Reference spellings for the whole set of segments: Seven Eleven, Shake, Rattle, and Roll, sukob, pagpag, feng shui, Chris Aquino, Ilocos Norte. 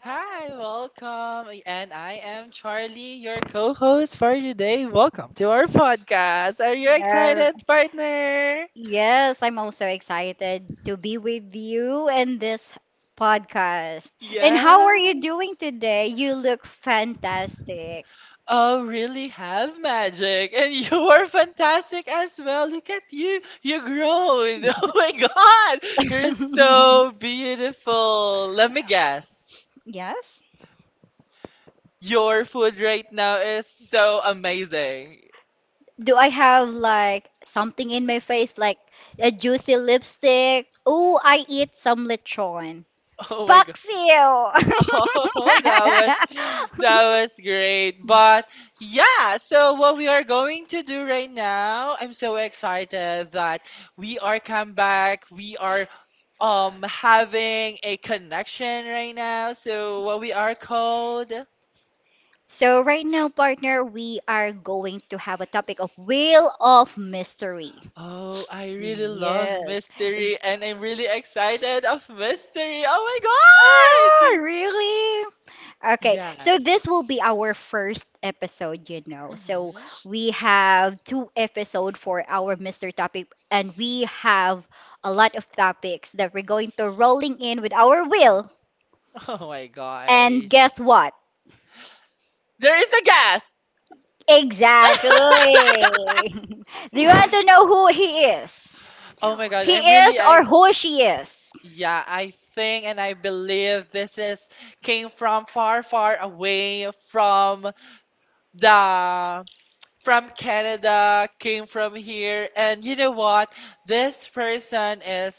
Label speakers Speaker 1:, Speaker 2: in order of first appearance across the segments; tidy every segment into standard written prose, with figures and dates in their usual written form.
Speaker 1: Hi, welcome. And I am Charlie, your co host for today. Welcome to our podcast. Are you excited, partner? Yeah. Oh, really have magic. And you are fantastic as well. Look at you. You're grown. Oh my God. You're so beautiful. Let me guess. Your food right now is so amazing. Oh my God. Oh, that was great. But yeah, so what we are going to do right now, I'm so excited that we are come back. We are having a connection right now. So what we are called. Oh, I really love mystery and I'm really excited of mystery. Oh my God! Yeah. Hmm. Oh my gosh. There is a gas. Oh my God, I'm really I yeah, I think and I believe this is came from far away from the from Canada, came from here, and you know what? This person is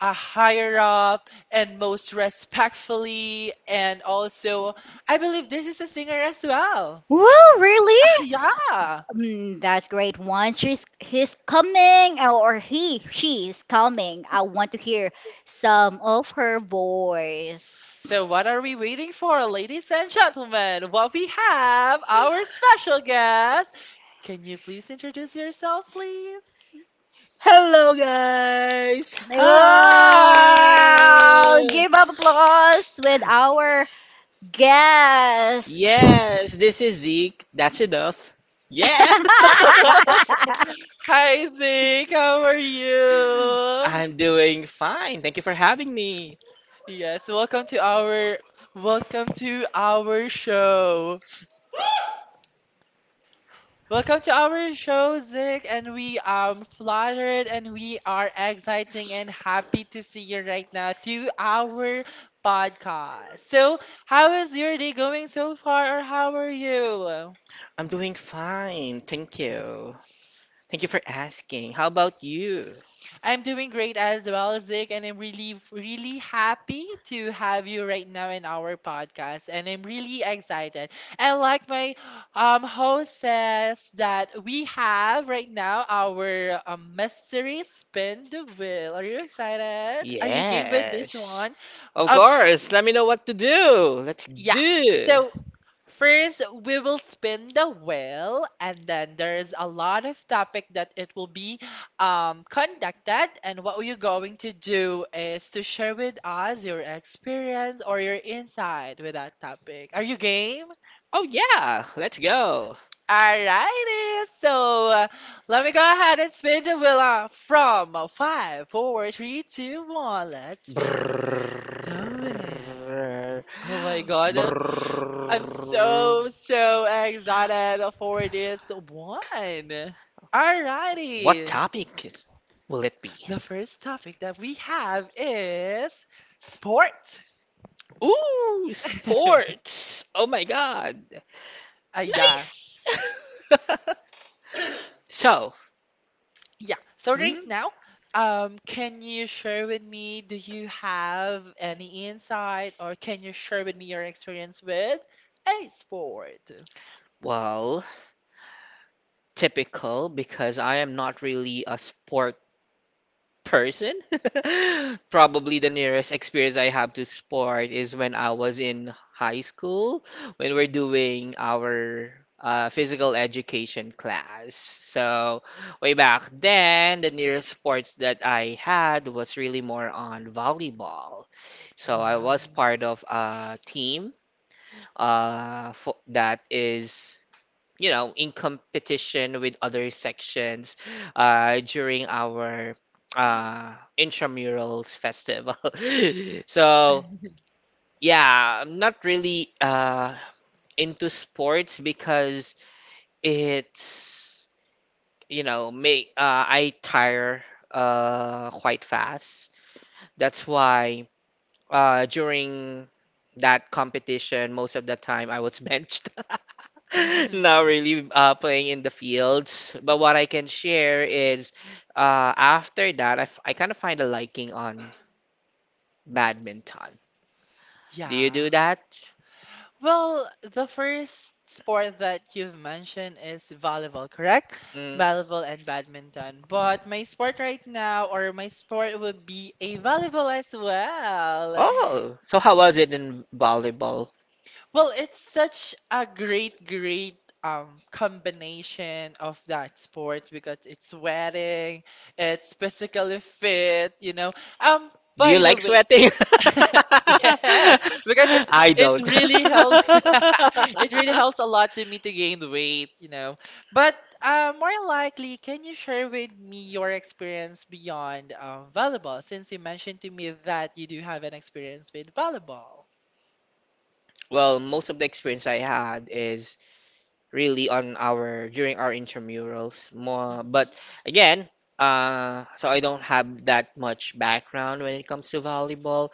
Speaker 1: a higher up and most respectfully, and also I believe this is a singer as well. Ah, yeah. So what are we waiting for, ladies and gentlemen? Well, we have our special guest. Can you please introduce yourself, please?
Speaker 2: Hello, guys! Hi! Yes, this is Zeke. That's enough. Yeah!
Speaker 1: Hi, Zeke. How are you?
Speaker 2: I'm doing fine. Thank you for having me.
Speaker 1: Yes, welcome to our show. Welcome to our show, Zeke, and we are flattered and we are exciting and happy to see you right now to our podcast. So, how is your day going so far, or how are you?
Speaker 2: I'm doing fine. Thank you. Thank you for asking. How about you?
Speaker 1: I'm doing great as well, Zig, and I'm really, really happy to have you right now in our podcast. And I'm really excited. And like my host says, that we have right now our mystery spin the wheel. Are you excited? Are you game with this
Speaker 2: Yes.
Speaker 1: one?
Speaker 2: Of
Speaker 1: Um,
Speaker 2: course. Let me know what to do. Let's
Speaker 1: yeah.
Speaker 2: do.
Speaker 1: So first, we will spin the wheel, and then there's a lot of topic that it will be conducted. And what you're going to do is to share with us your experience or your insight with that topic. Are you game?
Speaker 2: Oh yeah, let's go.
Speaker 1: Alrighty, so let me go ahead and spin the wheel from five, four, three, two, one. Let's spin the wheel.
Speaker 2: Brrrr.
Speaker 1: Oh my God. I'm
Speaker 2: Brrrr.
Speaker 1: so, so excited for this one.
Speaker 2: What
Speaker 1: Alrighty.
Speaker 2: topic will it be?
Speaker 1: The first topic that we have is sport.
Speaker 2: Ooh, sports. Oh my God.
Speaker 1: Yeah.
Speaker 2: Nice. So,
Speaker 1: Yeah. So right
Speaker 2: Hmm?
Speaker 1: now, can you share with me, do you have any insight or can you share with me your experience with a sport?
Speaker 2: well, typical, because I am not really a sport person. Probably the nearest experience I have to sport is when I was in high school, when we're doing our physical education class. So, way back then, the nearest sports that I had was really more on volleyball. So, I
Speaker 1: Wow.
Speaker 2: was part of a team that is, in competition with other sections during our intramurals festival. So, yeah, I'm not really into sports, because it's, you know, may, I tire quite fast. That's why during that competition, most of the time I was benched. Not really playing in the fields, but what I can share is after that, I kind of find a liking on badminton. Do you do
Speaker 1: Yeah.
Speaker 2: that?
Speaker 1: Well, the first sport that you've mentioned is volleyball, correct?
Speaker 2: Mm.
Speaker 1: Volleyball and badminton. But my sport right now, or my sport would be a volleyball as well.
Speaker 2: Oh, so how was it in volleyball?
Speaker 1: Well, it's such a great combination of that sport because it's sweating, it's physically fit, you know. Um,
Speaker 2: Do you
Speaker 1: by the
Speaker 2: like
Speaker 1: way,
Speaker 2: sweating?
Speaker 1: yes, because it
Speaker 2: I
Speaker 1: it
Speaker 2: don't.
Speaker 1: really helps it really helps a lot to me to gain weight, you know. But more likely, can you share with me your experience beyond volleyball since you mentioned to me that you do have an experience with volleyball?
Speaker 2: Well, most of the experience I had is really on our during our intramurals more, but
Speaker 1: Mhm.
Speaker 2: again, so I don't have that much background when it comes to volleyball,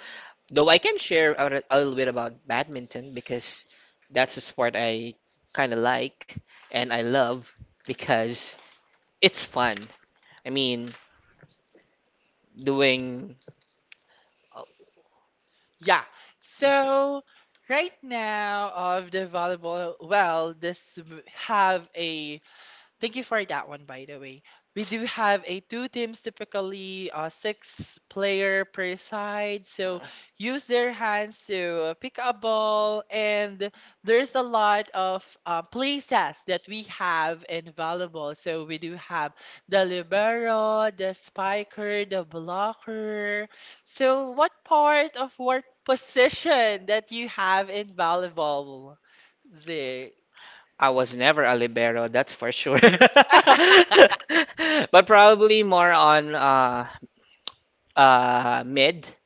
Speaker 2: though I can share a little bit about badminton, because that's a sport I kind of like and I love, because it's fun. I mean doing
Speaker 1: Yeah. So right now of the volleyball, well, this have a thank you for that one, by the way. We do have a two teams, typically six player per side. So use their hands to pick a ball, and there's a lot of play sets that we have in volleyball. So we do have the libero, the spiker, the blocker. So what part of what position that you have in volleyball, Zig?
Speaker 2: I was never a libero, that's for sure. But probably more on, mid.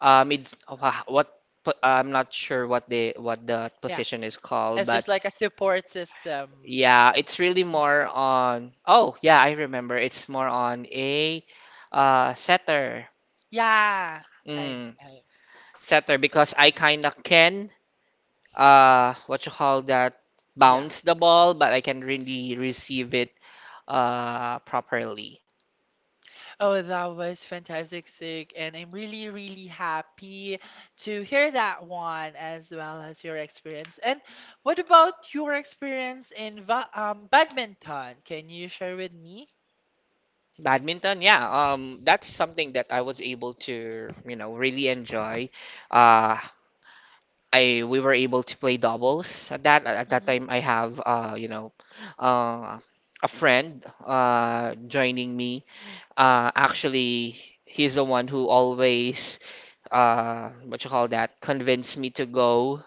Speaker 2: It's wha- what po- I'm not sure what the
Speaker 1: Yeah.
Speaker 2: position is called,
Speaker 1: It's
Speaker 2: but
Speaker 1: just like a support system.
Speaker 2: yeah, it's really
Speaker 1: Mhm.
Speaker 2: more on. Oh, yeah, I remember. It's more on a setter.
Speaker 1: Yeah. And
Speaker 2: Mm,
Speaker 1: I,
Speaker 2: setter, because I kind of can what you call that
Speaker 1: yeah.
Speaker 2: bounce the ball, but I can really receive it properly.
Speaker 1: Oh, that was fantastic, Sig. And I'm really, really happy to hear that one as well as your experience. And what about your experience in va badminton? Can you share with me?
Speaker 2: Badminton, yeah, that's something that I was able to really enjoy. Uh, I We were able to play doubles at that
Speaker 1: Hmm.
Speaker 2: time. I have uh a friend joining me, actually. He's the one who always what you call that convinced me to go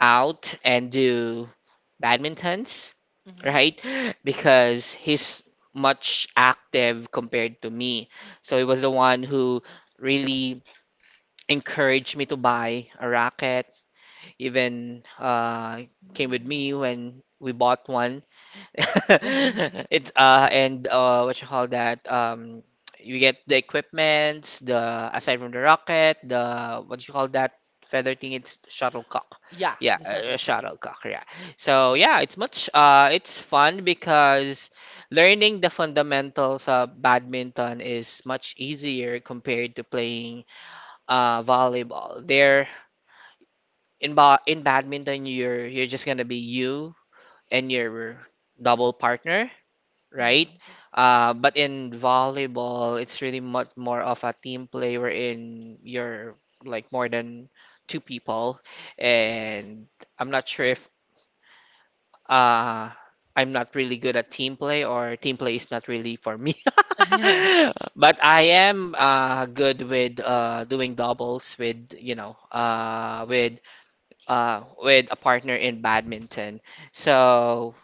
Speaker 2: out and do badmintons,
Speaker 1: Hmm.
Speaker 2: right? Because he's much active compared to me, so he was the one who really encouraged me to buy a racket, even came with me when we bought one. It's and What you call that? You get the equipments, the aside from the rocket, the what you call that feather thing? It's shuttlecock.
Speaker 1: Yeah,
Speaker 2: Yeah,
Speaker 1: the turtle cock.
Speaker 2: shuttlecock. Yeah. So yeah, it's fun, because learning the fundamentals of badminton is much easier compared to playing volleyball. There, in badminton, you're just gonna be you and your double partner, right?
Speaker 1: Mhm.
Speaker 2: Uh, but in volleyball, it's really much more of a team play, wherein you're like more than two people, and I'm not sure if uh, I'm not really good at team play, or team play is not really for me. But I am good with doing doubles with with a partner in badminton. So,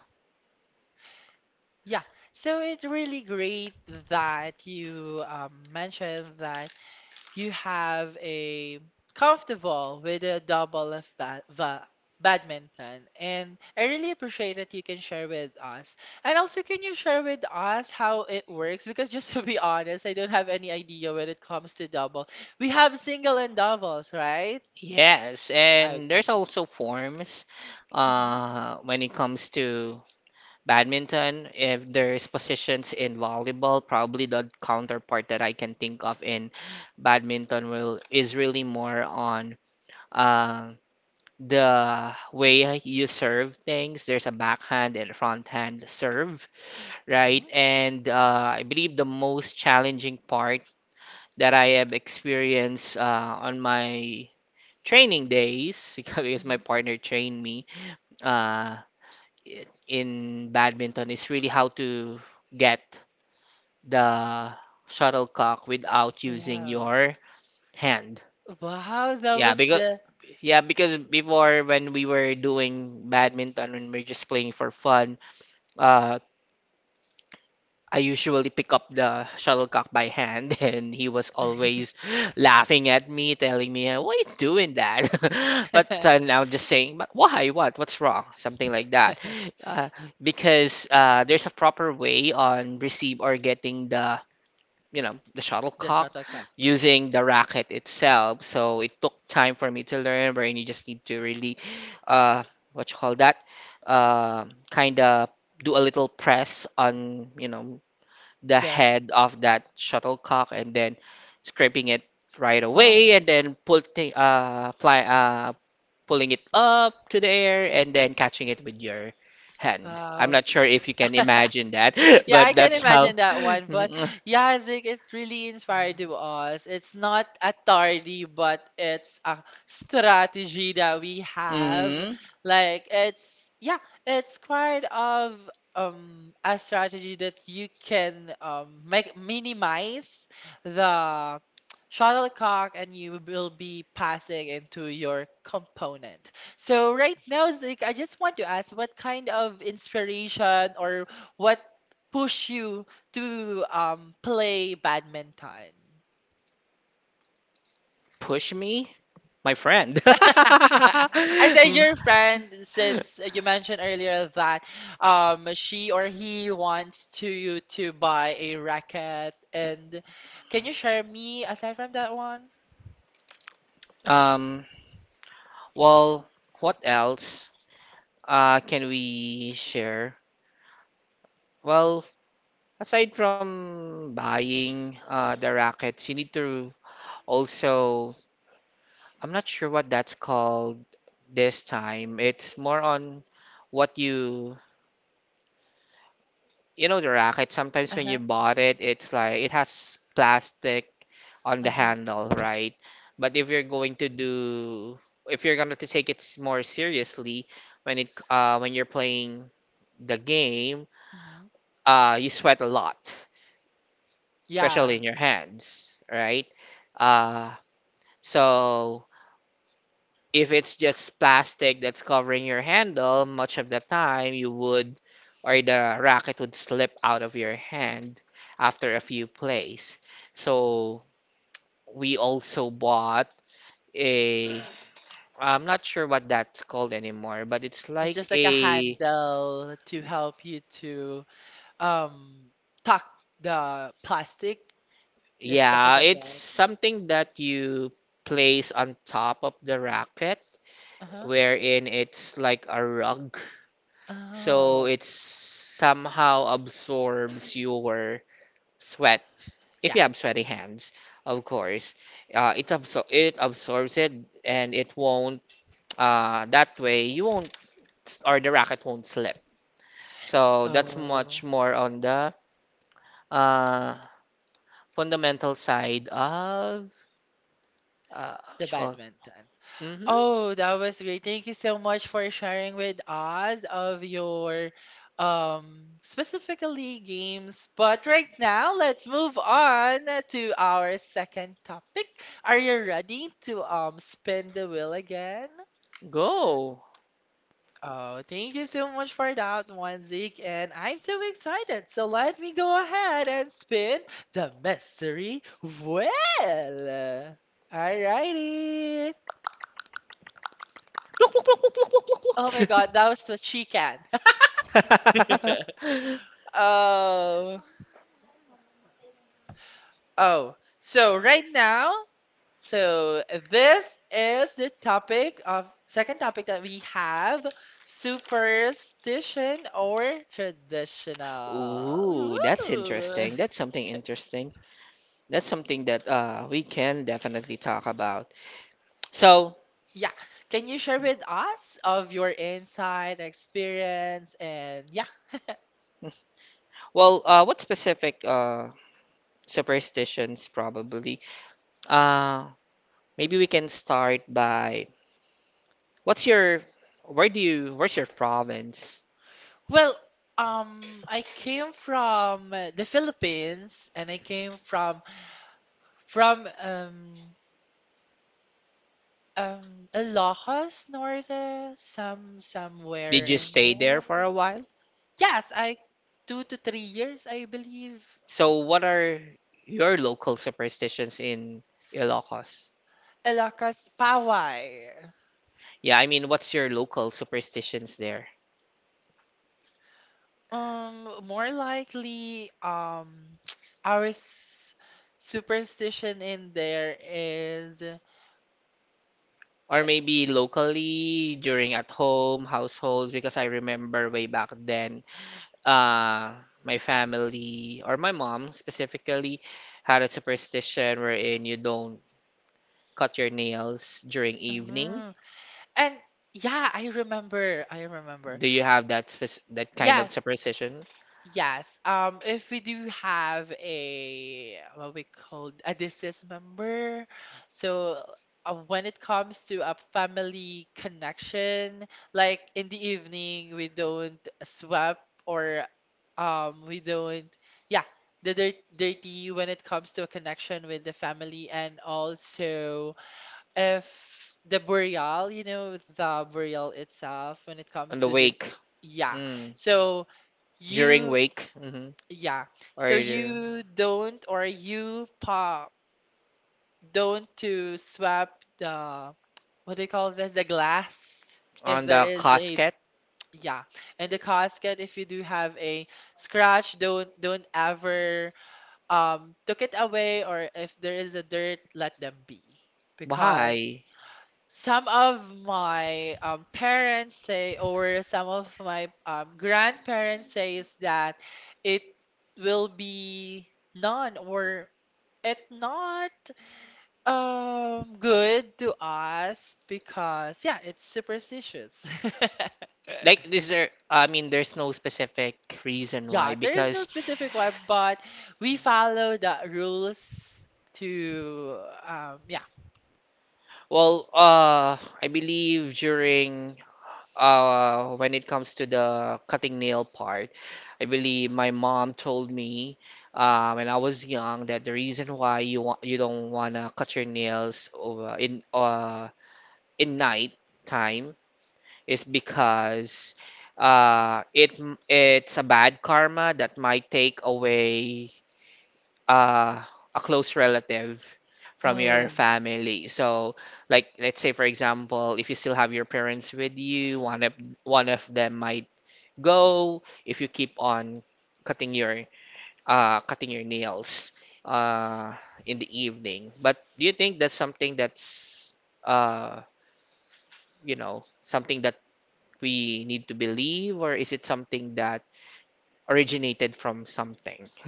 Speaker 1: Yeah, so it's really great that you mentioned that you have a comfortable with a double of ba va badminton, and I really appreciate that you can share with us. And also, can you share with us how it works? Because just to be honest, I don't have any idea when it comes to double. We have single and doubles, right?
Speaker 2: yes,
Speaker 1: Okay.
Speaker 2: and there's also forms
Speaker 1: Mm-hmm.
Speaker 2: when it comes to badminton. If there's positions in volleyball, probably the counterpart that I can think of in badminton will is really more on uh, the way you serve things. There's a backhand and front hand serve, right?
Speaker 1: Mm-hmm.
Speaker 2: And I believe the most challenging part that I have experienced on my training days because my
Speaker 1: Mm-hmm.
Speaker 2: partner trained me uh, in badminton is really how to get the shuttlecock without using
Speaker 1: Wow.
Speaker 2: your hand.
Speaker 1: Wow, that
Speaker 2: Yeah,
Speaker 1: was
Speaker 2: because
Speaker 1: the
Speaker 2: yeah, because before when we were doing badminton and we are just playing for fun, uh, I usually pick up the shuttlecock by hand, and he was always laughing at me, telling me, "Why you doing that?" But now I'm just saying, "But why? What? What's wrong?" Something like that, uh, because there's a proper way on receive or getting the you know the
Speaker 1: the
Speaker 2: shuttlecock
Speaker 1: shuttlecock.
Speaker 2: using the racket itself. So it took time for me to learn, wherein you just need to really uh, what you call that, uh, kind of do a little press on the
Speaker 1: Dash.
Speaker 2: head of that shuttlecock and then scraping it right
Speaker 1: Wow.
Speaker 2: away and then pull thi- fly pulling it up to the air and then catching it with your hand. I'm
Speaker 1: Wow.
Speaker 2: not sure if you can imagine that,
Speaker 1: Yeah,
Speaker 2: but
Speaker 1: I can
Speaker 2: that's how.
Speaker 1: imagine that one. But
Speaker 2: Mm.
Speaker 1: yeah, Zig, it really inspired to us. It's not a tardy, but it's a strategy that we have.
Speaker 2: Mhm.
Speaker 1: Like it's yeah, it's quite of a strategy that you can make minimize the shuttlecock and you will be passing into your component. So right now, Zig, I just want to ask what kind of inspiration or what push you to play badminton?
Speaker 2: Push me, my friend.
Speaker 1: I said your
Speaker 2: Mm.
Speaker 1: friend since you mentioned earlier that she or he wants to you to buy a racket and can you share me aside from that one?
Speaker 2: Um, well, what else can we share? Well, aside from buying the rackets, you need to also, I'm not sure what that's called this time. It's more on what you know, the racket. Sometimes when
Speaker 1: Uh-huh.
Speaker 2: you bought it, it's like it has plastic on the
Speaker 1: Uh-huh.
Speaker 2: handle, right? But if you're going to do, if you're going to take it more seriously when you're playing the game,
Speaker 1: Hmm.
Speaker 2: you sweat a lot. Yeah. Especially
Speaker 1: Yeah.
Speaker 2: in your hands, right? Uh, So if it's just plastic that's covering your handle, much of the time you would, or the racket would, slip out of your hand after a few plays. So we also bought a, I'm not sure what that's called anymore, but it's
Speaker 1: It's
Speaker 2: like
Speaker 1: just like a handle to help you to um tuck the plastic is something
Speaker 2: yeah,
Speaker 1: like
Speaker 2: it's
Speaker 1: that.
Speaker 2: something that you place on top of the racket,
Speaker 1: Uh-huh.
Speaker 2: wherein it's like a rug. So
Speaker 1: Oh,
Speaker 2: it somehow absorbs your sweat. If
Speaker 1: yeah.
Speaker 2: you have sweaty hands, of course, it absor it absorbs it, and it won't. That way, you won't, or the racket won't, slip. So that's much
Speaker 1: Oh,
Speaker 2: more on the uh, fundamental side of what
Speaker 1: the
Speaker 2: you call,
Speaker 1: badminton.
Speaker 2: hmm
Speaker 1: Oh, that was great. Thank you so much for sharing with us of your specifically games. But right now, let's move on to our second topic. Are you ready to spin the wheel again?
Speaker 2: Go.
Speaker 1: Oh, thank you so much for that one, Zeke, and I'm so excited. So let me go ahead and spin the mystery wheel. Alrighty.
Speaker 2: Pluk, pluk, pluk, pluk, pluk, pluk, pluk,
Speaker 1: Oh my God, that was what she can.
Speaker 2: pluk.
Speaker 1: Oh, oh. So right now, so this is the topic of second topic that we have, superstition or traditional.
Speaker 2: Ooh, that's
Speaker 1: Ooh.
Speaker 2: interesting. That's something interesting. That's something that we can definitely talk about. So,
Speaker 1: Yeah. Can you share with us of your insight, experience, and yeah.
Speaker 2: well, what specific superstitions probably? Uh, Maybe we can start by what's your, where do you, where's your province?
Speaker 1: Well, I came from the Philippines and I came from from um Ilocos Norte, somewhere
Speaker 2: Did you
Speaker 1: in
Speaker 2: stay there
Speaker 1: there.
Speaker 2: for a while?
Speaker 1: Yes, I 2 to 3 years, I believe.
Speaker 2: So, what are your local superstitions in Ilocos?
Speaker 1: Ilocos Pawai.
Speaker 2: Yeah, I mean, what's your local superstitions there?
Speaker 1: More likely, our superstition in there is.
Speaker 2: Or maybe locally during at home households, because I remember way back then, uh, my family, or my mom specifically, had a superstition wherein you don't cut your nails during evening.
Speaker 1: Mhm. And yeah, I remember. I remember.
Speaker 2: Do you have that that kind of
Speaker 1: Yes,
Speaker 2: superstition
Speaker 1: yes. If we do have a what we call a deceased member, so when it comes to a family connection, like in the evening, we don't swap or we don't, yeah, the dirty when it comes to a connection with the family and also if the burial, you know, the burial itself when it
Speaker 2: on
Speaker 1: comes
Speaker 2: the
Speaker 1: to this,
Speaker 2: wake?
Speaker 1: yeah.
Speaker 2: Mm.
Speaker 1: So
Speaker 2: During
Speaker 1: you,
Speaker 2: wake, hmm
Speaker 1: yeah.
Speaker 2: Or
Speaker 1: So you don't or you pa don't to swap the what do you call this? The glass if
Speaker 2: on
Speaker 1: there
Speaker 2: the
Speaker 1: is a
Speaker 2: casket?
Speaker 1: yeah. And the casket if you do have a scratch, don't ever took it away or if there is a dirt, let them be. Because
Speaker 2: Why?
Speaker 1: some of my parents say, or some of my grandparents says that it will be none or it not good to us because yeah, it's superstitious.
Speaker 2: Like, is there, I mean, there's no specific reason
Speaker 1: Yeah,
Speaker 2: why,
Speaker 1: there is no
Speaker 2: because,
Speaker 1: specific one, but we follow the rules to yeah.
Speaker 2: well, I believe during, when it comes to the cutting nail part, I believe my mom told me, when I was young, that the reason why you don't wanna cut your nails over in night time is because, it's a bad karma that might take away uh, a close relative from your
Speaker 1: Oh.
Speaker 2: family. So, like, let's say, for example, if you still have your parents with you, one of them might go if you keep on cutting your cutting your nails uh, in the evening. But do you think that's something that's uh, something that we need to believe, or is it something that originated from something?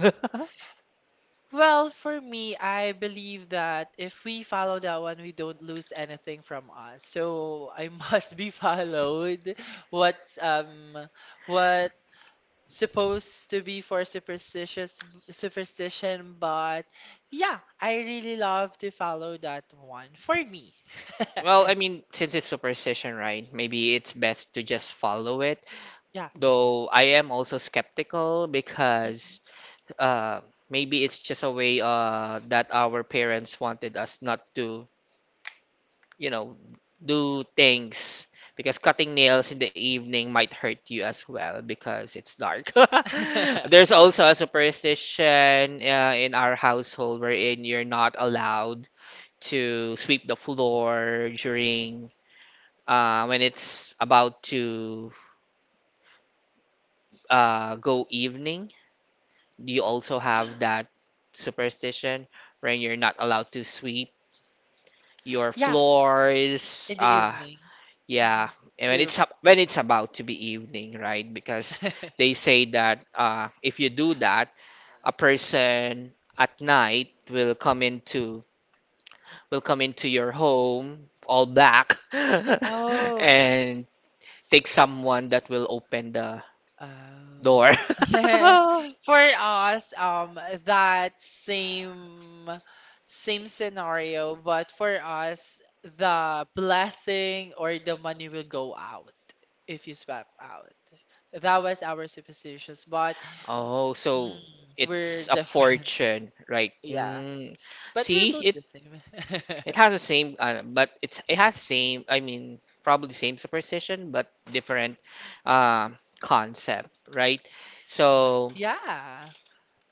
Speaker 1: Well, for me, I believe that if we follow that one, we don't lose anything from us. So I must be followed. What's um what supposed to be for superstitious superstition, but yeah, I really love to follow that one for me.
Speaker 2: Well, I mean, since it's superstition, right? Maybe it's best to just follow it.
Speaker 1: Yeah.
Speaker 2: Though I am also skeptical,
Speaker 1: Mhm.
Speaker 2: because uh, maybe it's just a way that our parents wanted us not to, you know, do things. Because cutting nails in the evening might hurt you as well because it's dark. There's also a superstition in our household wherein you're not allowed to sweep the floor during when it's about to go evening. Do you also have that superstition when you're not allowed to sweep your
Speaker 1: Yeah,
Speaker 2: floors?
Speaker 1: in the
Speaker 2: Uh,
Speaker 1: evening.
Speaker 2: yeah,
Speaker 1: Mhm.
Speaker 2: and
Speaker 1: We're
Speaker 2: when it's about to be evening, right? Because they say that if you do that, a person at night will come into your home all black
Speaker 1: oh,
Speaker 2: and take someone that will open the
Speaker 1: oh.
Speaker 2: door.
Speaker 1: For us, that same scenario, but for us, the blessing or the money will go out if you swap out. That was our superstitions, but
Speaker 2: Oh,
Speaker 1: mm,
Speaker 2: so
Speaker 1: we're
Speaker 2: it's a
Speaker 1: different.
Speaker 2: fortune, right?
Speaker 1: Yeah, but we're
Speaker 2: See,
Speaker 1: both the same.
Speaker 2: it has the same, but it has same. I mean, probably same superstition, but different uh, concept, right? So,
Speaker 1: Yeah.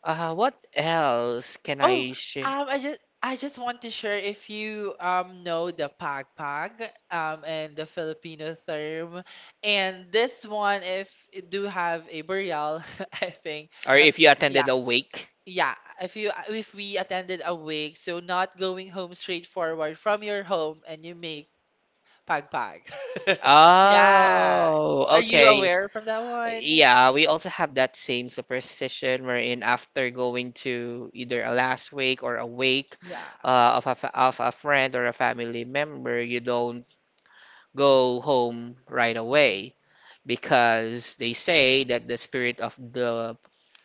Speaker 2: what else can
Speaker 1: Oh,
Speaker 2: I share?
Speaker 1: I just want to share if you know the pagpag and the Filipino term, and this one if it do have a burial, I think.
Speaker 2: Or
Speaker 1: Uh,
Speaker 2: if you attended
Speaker 1: yeah,
Speaker 2: a wake?
Speaker 1: yeah. If you if we attended a wake, so not going home straightforward from your home and you make pagpag. Yeah.
Speaker 2: Oh,
Speaker 1: Are you
Speaker 2: okay.
Speaker 1: aware from that one?
Speaker 2: Yeah, we also have that same superstition wherein after going to either a last wake or a wake,
Speaker 1: Yeah.
Speaker 2: of a friend or a family member, you don't go home right away because they say that the spirit of the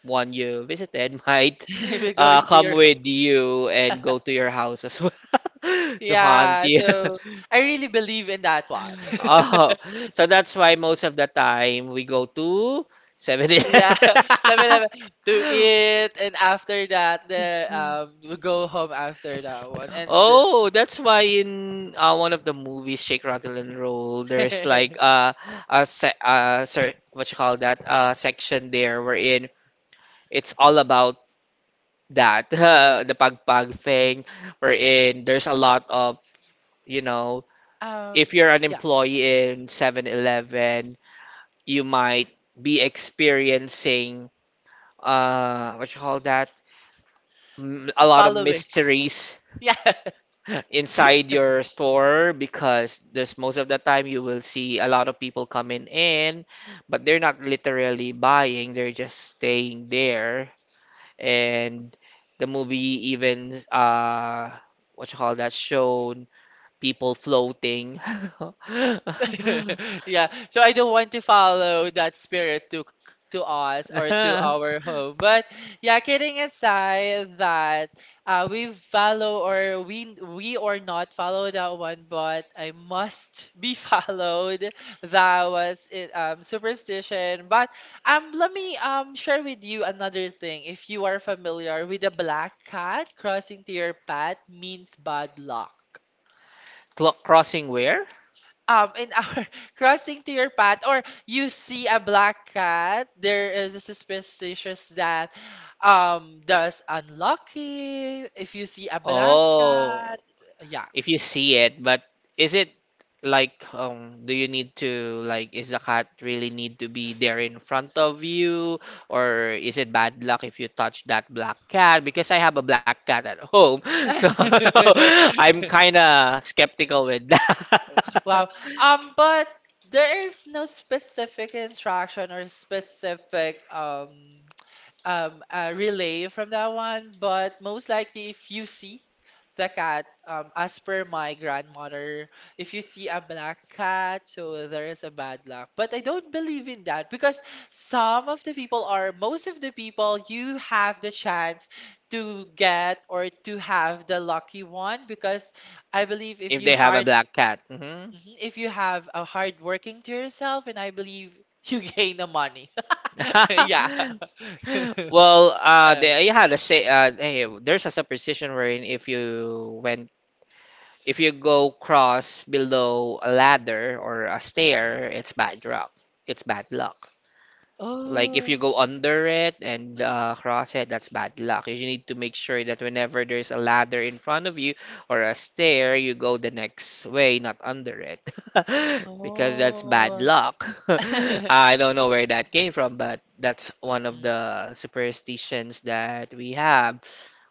Speaker 2: one you visited might
Speaker 1: Maybe going to
Speaker 2: come
Speaker 1: your home.
Speaker 2: with you and go to your house as well to haunt
Speaker 1: Yeah,
Speaker 2: you.
Speaker 1: so I really believe in that one.
Speaker 2: Oh, so that's why most of the time we go to 7.
Speaker 1: Yeah, 7-11 to eat, and after that, the we go home after that one, and the-
Speaker 2: Oh, that's why in one of the movies, Shake, Rattle, and Roll, there's like a se sir, what you call that section there wherein it's all about that.
Speaker 1: yeah.
Speaker 2: The pagpag thing wherein there's a lot of you know
Speaker 1: Um,
Speaker 2: if you're an
Speaker 1: yeah,
Speaker 2: employee in 7-Eleven, you might be experiencing what you call that, a lot of
Speaker 1: following,
Speaker 2: mysteries
Speaker 1: yeah.
Speaker 2: inside your store, because there's most of the time you will see a lot of people coming in, but they're not literally buying, they're just staying there. And the movie even what you call that shown people floating.
Speaker 1: Yeah, so I don't want to follow that spirit to us or to our home. But yeah, kidding aside that we follow or we or not follow that one, but I must be followed. That was it, superstition. But let me share with you another thing. If you are familiar with the black cat crossing to your path means bad luck
Speaker 2: Crossing where?
Speaker 1: in our crossing to your path or you see a black cat, there is a superstition that does unlucky if you see a black
Speaker 2: Oh,
Speaker 1: cat, yeah.
Speaker 2: if you see it. But is it like do you need to like is the cat really need to be there in front of you, or is it bad luck if you touch that black cat? Because I have a black cat at home. So I'm kind of skeptical with that.
Speaker 1: Wow. Um, but there is no specific instruction or specific relay from that one, but most likely if you see the cat, as per my grandmother, if you see a black cat, so there is a bad luck. But I don't believe in that because some of the people are, most of the people, you have the chance to get or to have the lucky one because I believe if
Speaker 2: If
Speaker 1: you
Speaker 2: they have a
Speaker 1: hard,
Speaker 2: black cat.
Speaker 1: Mhm. if you have a hard working to yourself, and I believe you gain the money. Yeah.
Speaker 2: Well,
Speaker 1: Uh,
Speaker 2: yeah, the say, hey, there's a superstition wherein if you go cross below a ladder or a stair, it's bad luck. It's bad luck. Like if you go under it and cross it, that's bad luck. You need to make sure that whenever there's a ladder in front of you or a stair, you go the next way, not under it, because that's bad
Speaker 1: oh,
Speaker 2: luck.
Speaker 1: oh.
Speaker 2: I don't know where that came from, but that's one of
Speaker 1: Mm.
Speaker 2: the superstitions that we have.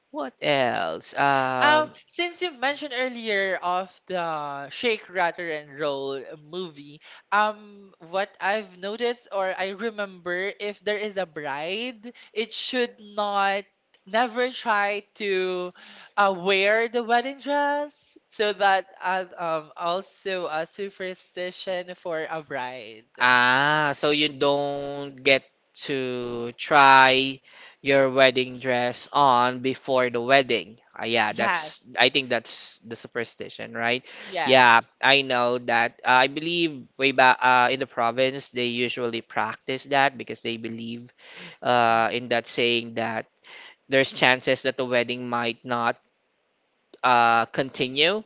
Speaker 2: What else?
Speaker 1: Since you mentioned earlier of the Shake, Rattle, and Roll movie, what I've noticed or I remember, if there is a bride, it should not never try to wear the wedding dress. So that also a superstition for a bride.
Speaker 2: So you don't get to try your wedding dress on before the wedding. Ah, yeah, that's
Speaker 1: Yes,
Speaker 2: I think that's the superstition, right?
Speaker 1: yes.
Speaker 2: Yeah, I know that. I believe way back in the province they usually practice that, because they believe in
Speaker 1: Mm,
Speaker 2: that saying that there's chances that the wedding might not continue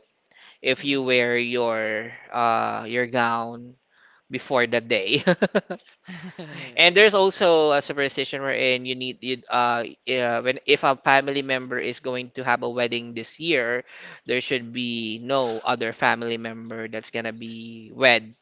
Speaker 2: if you wear your gown before the day.
Speaker 1: mm.
Speaker 2: And there's also a superstition wherein you need you yeah, when if a family member is going to have a wedding this year, there should be no other family member that's gonna be wed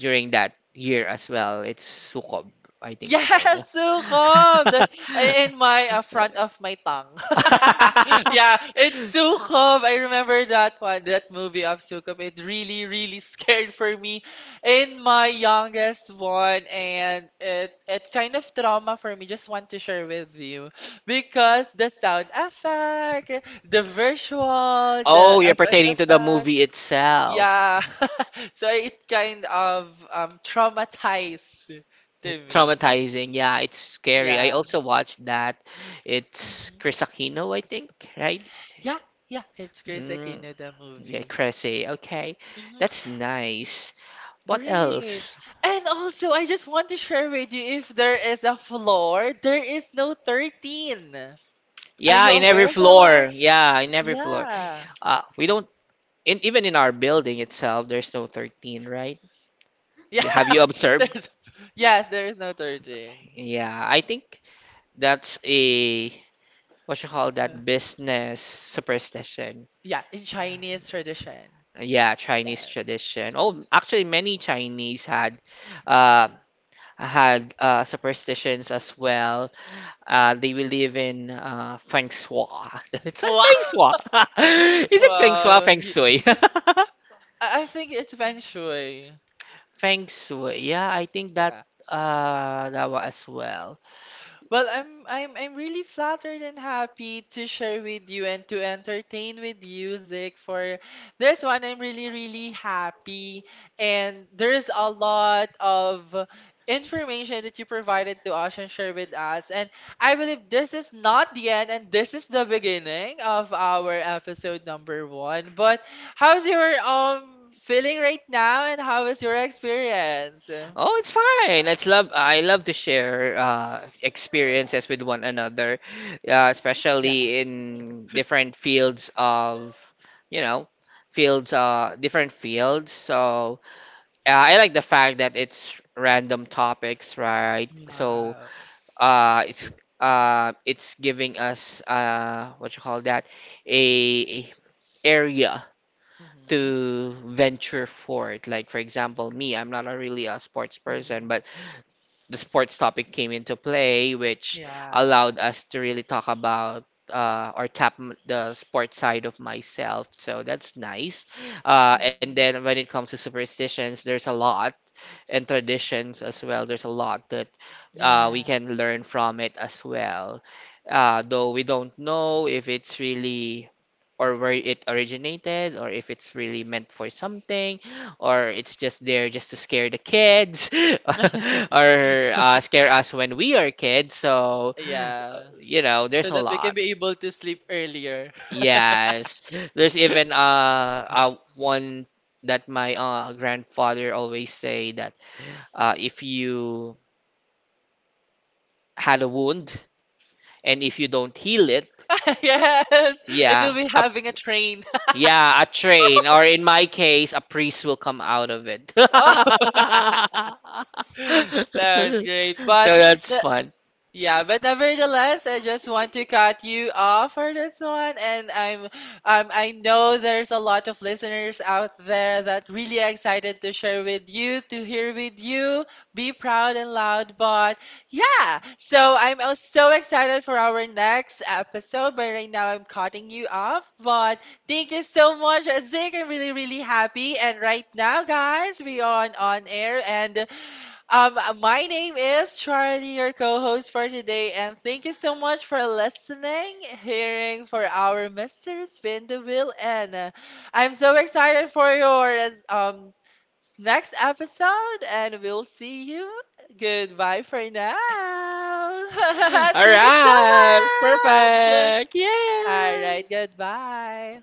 Speaker 2: during that year as well. It's sukob, I think.
Speaker 1: Yes,
Speaker 2: Yes.
Speaker 1: sukob. That's in my front of my tongue. Yeah, it's sukob. I remember that one, that movie of sukob. It really, really scared for me in my youngest one, and it kind of trauma for me. Just want to share with you because the sound effect, the visual,
Speaker 2: Oh,
Speaker 1: the
Speaker 2: you're
Speaker 1: FX
Speaker 2: pertaining to the
Speaker 1: effect.
Speaker 2: movie itself.
Speaker 1: Yeah. So it kind of traumatized to me.
Speaker 2: Traumatizing. Yeah, it's scary. I
Speaker 1: Yeah.
Speaker 2: also watched that. It's
Speaker 1: Mhm.
Speaker 2: Chris Aquino, I think, right?
Speaker 1: Yeah, yeah, it's Chris
Speaker 2: Mm,
Speaker 1: Aquino, the
Speaker 2: yeah,
Speaker 1: movie.
Speaker 2: Cressy. Okay.
Speaker 1: Mhm.
Speaker 2: That's nice. What
Speaker 1: Great.
Speaker 2: else?
Speaker 1: And also, I just want to share with you if there is a floor, there is no 13. Are
Speaker 2: Yeah,
Speaker 1: you
Speaker 2: in every
Speaker 1: aware of that one?
Speaker 2: floor. Yeah, in every floor.
Speaker 1: Yeah.
Speaker 2: We don't in, even in our building itself, there's no 13, right?
Speaker 1: Yeah,
Speaker 2: Have you observed?
Speaker 1: there's yes, there is no 13.
Speaker 2: Yeah, I think that's a what you call
Speaker 1: Uh,
Speaker 2: that business superstition.
Speaker 1: Yeah, in Chinese tradition.
Speaker 2: Yeah, Chinese
Speaker 1: Yes.
Speaker 2: tradition. Oh, actually, many Chinese had uh, superstitions as well. They believe in feng shui. It's not
Speaker 1: Wow.
Speaker 2: feng shui. Is it feng shui?
Speaker 1: Wow.
Speaker 2: Feng shui.
Speaker 1: I think it's feng shui.
Speaker 2: Feng shui. Yeah, I think that
Speaker 1: Yeah.
Speaker 2: that one as well.
Speaker 1: Well, I'm really flattered and happy to share with you and to entertain with you, Zach. For this one, I'm really, really happy. And there's a lot of information that you provided to us and share with us. And I believe this is not the end and this is the beginning of our episode number 1. But how's your feeling right now and how is your experience?
Speaker 2: Oh, it's fine. It's love. I love to share experiences with one another,
Speaker 1: Yeah.
Speaker 2: especially in different fields of, you know, fields, different fields. So I like the fact that it's random topics, right? So
Speaker 1: Wow.
Speaker 2: uh, it's it's giving us what you call that, a area
Speaker 1: Mhm.
Speaker 2: to venture forward. Like for example, me, I'm not a really a sports person,
Speaker 1: Mhm.
Speaker 2: but the sports topic came into play, which
Speaker 1: Yeah.
Speaker 2: allowed us to really talk about or tap the sports side of myself. So that's nice. And
Speaker 1: Mhm.
Speaker 2: then when it comes to superstitions, there's a lot, and traditions as well. There's a lot that we
Speaker 1: Yeah.
Speaker 2: can learn from it as well. Though we don't know if it's really or where it originated, or if it's really meant for something, or it's just there just to scare the kids or scare us when we are kids. So,
Speaker 1: Yeah.
Speaker 2: there's
Speaker 1: So
Speaker 2: a
Speaker 1: that we can
Speaker 2: lot.
Speaker 1: be able to sleep earlier.
Speaker 2: Yes. There's even one that my grandfather always say that if you had a wound, and if you don't heal it,
Speaker 1: Yes, it
Speaker 2: yeah,
Speaker 1: will be having a train.
Speaker 2: yeah, a train, or in my case, a priest will come out of it.
Speaker 1: Oh, sounds great. But
Speaker 2: So that's
Speaker 1: the,
Speaker 2: fun.
Speaker 1: yeah, but nevertheless, I just want to cut you off for this one, and I'm I know there's a lot of listeners out there that really excited to share with you, to hear with you. Be proud and loud, but yeah. So I'm so excited for our next episode, but right now I'm cutting you off. But thank you so much, Zig. I'm really really happy, and right now, guys, we are on air and. My name is Charlie, your co-host for today, and thank you so much for listening, hearing for our Mr. Spin the Wheel, and I'm so excited for your next episode, and we'll see you. Goodbye for now.
Speaker 2: All
Speaker 1: Thank you so
Speaker 2: right,
Speaker 1: much.
Speaker 2: perfect.
Speaker 1: All right,
Speaker 2: Yeah.
Speaker 1: goodbye.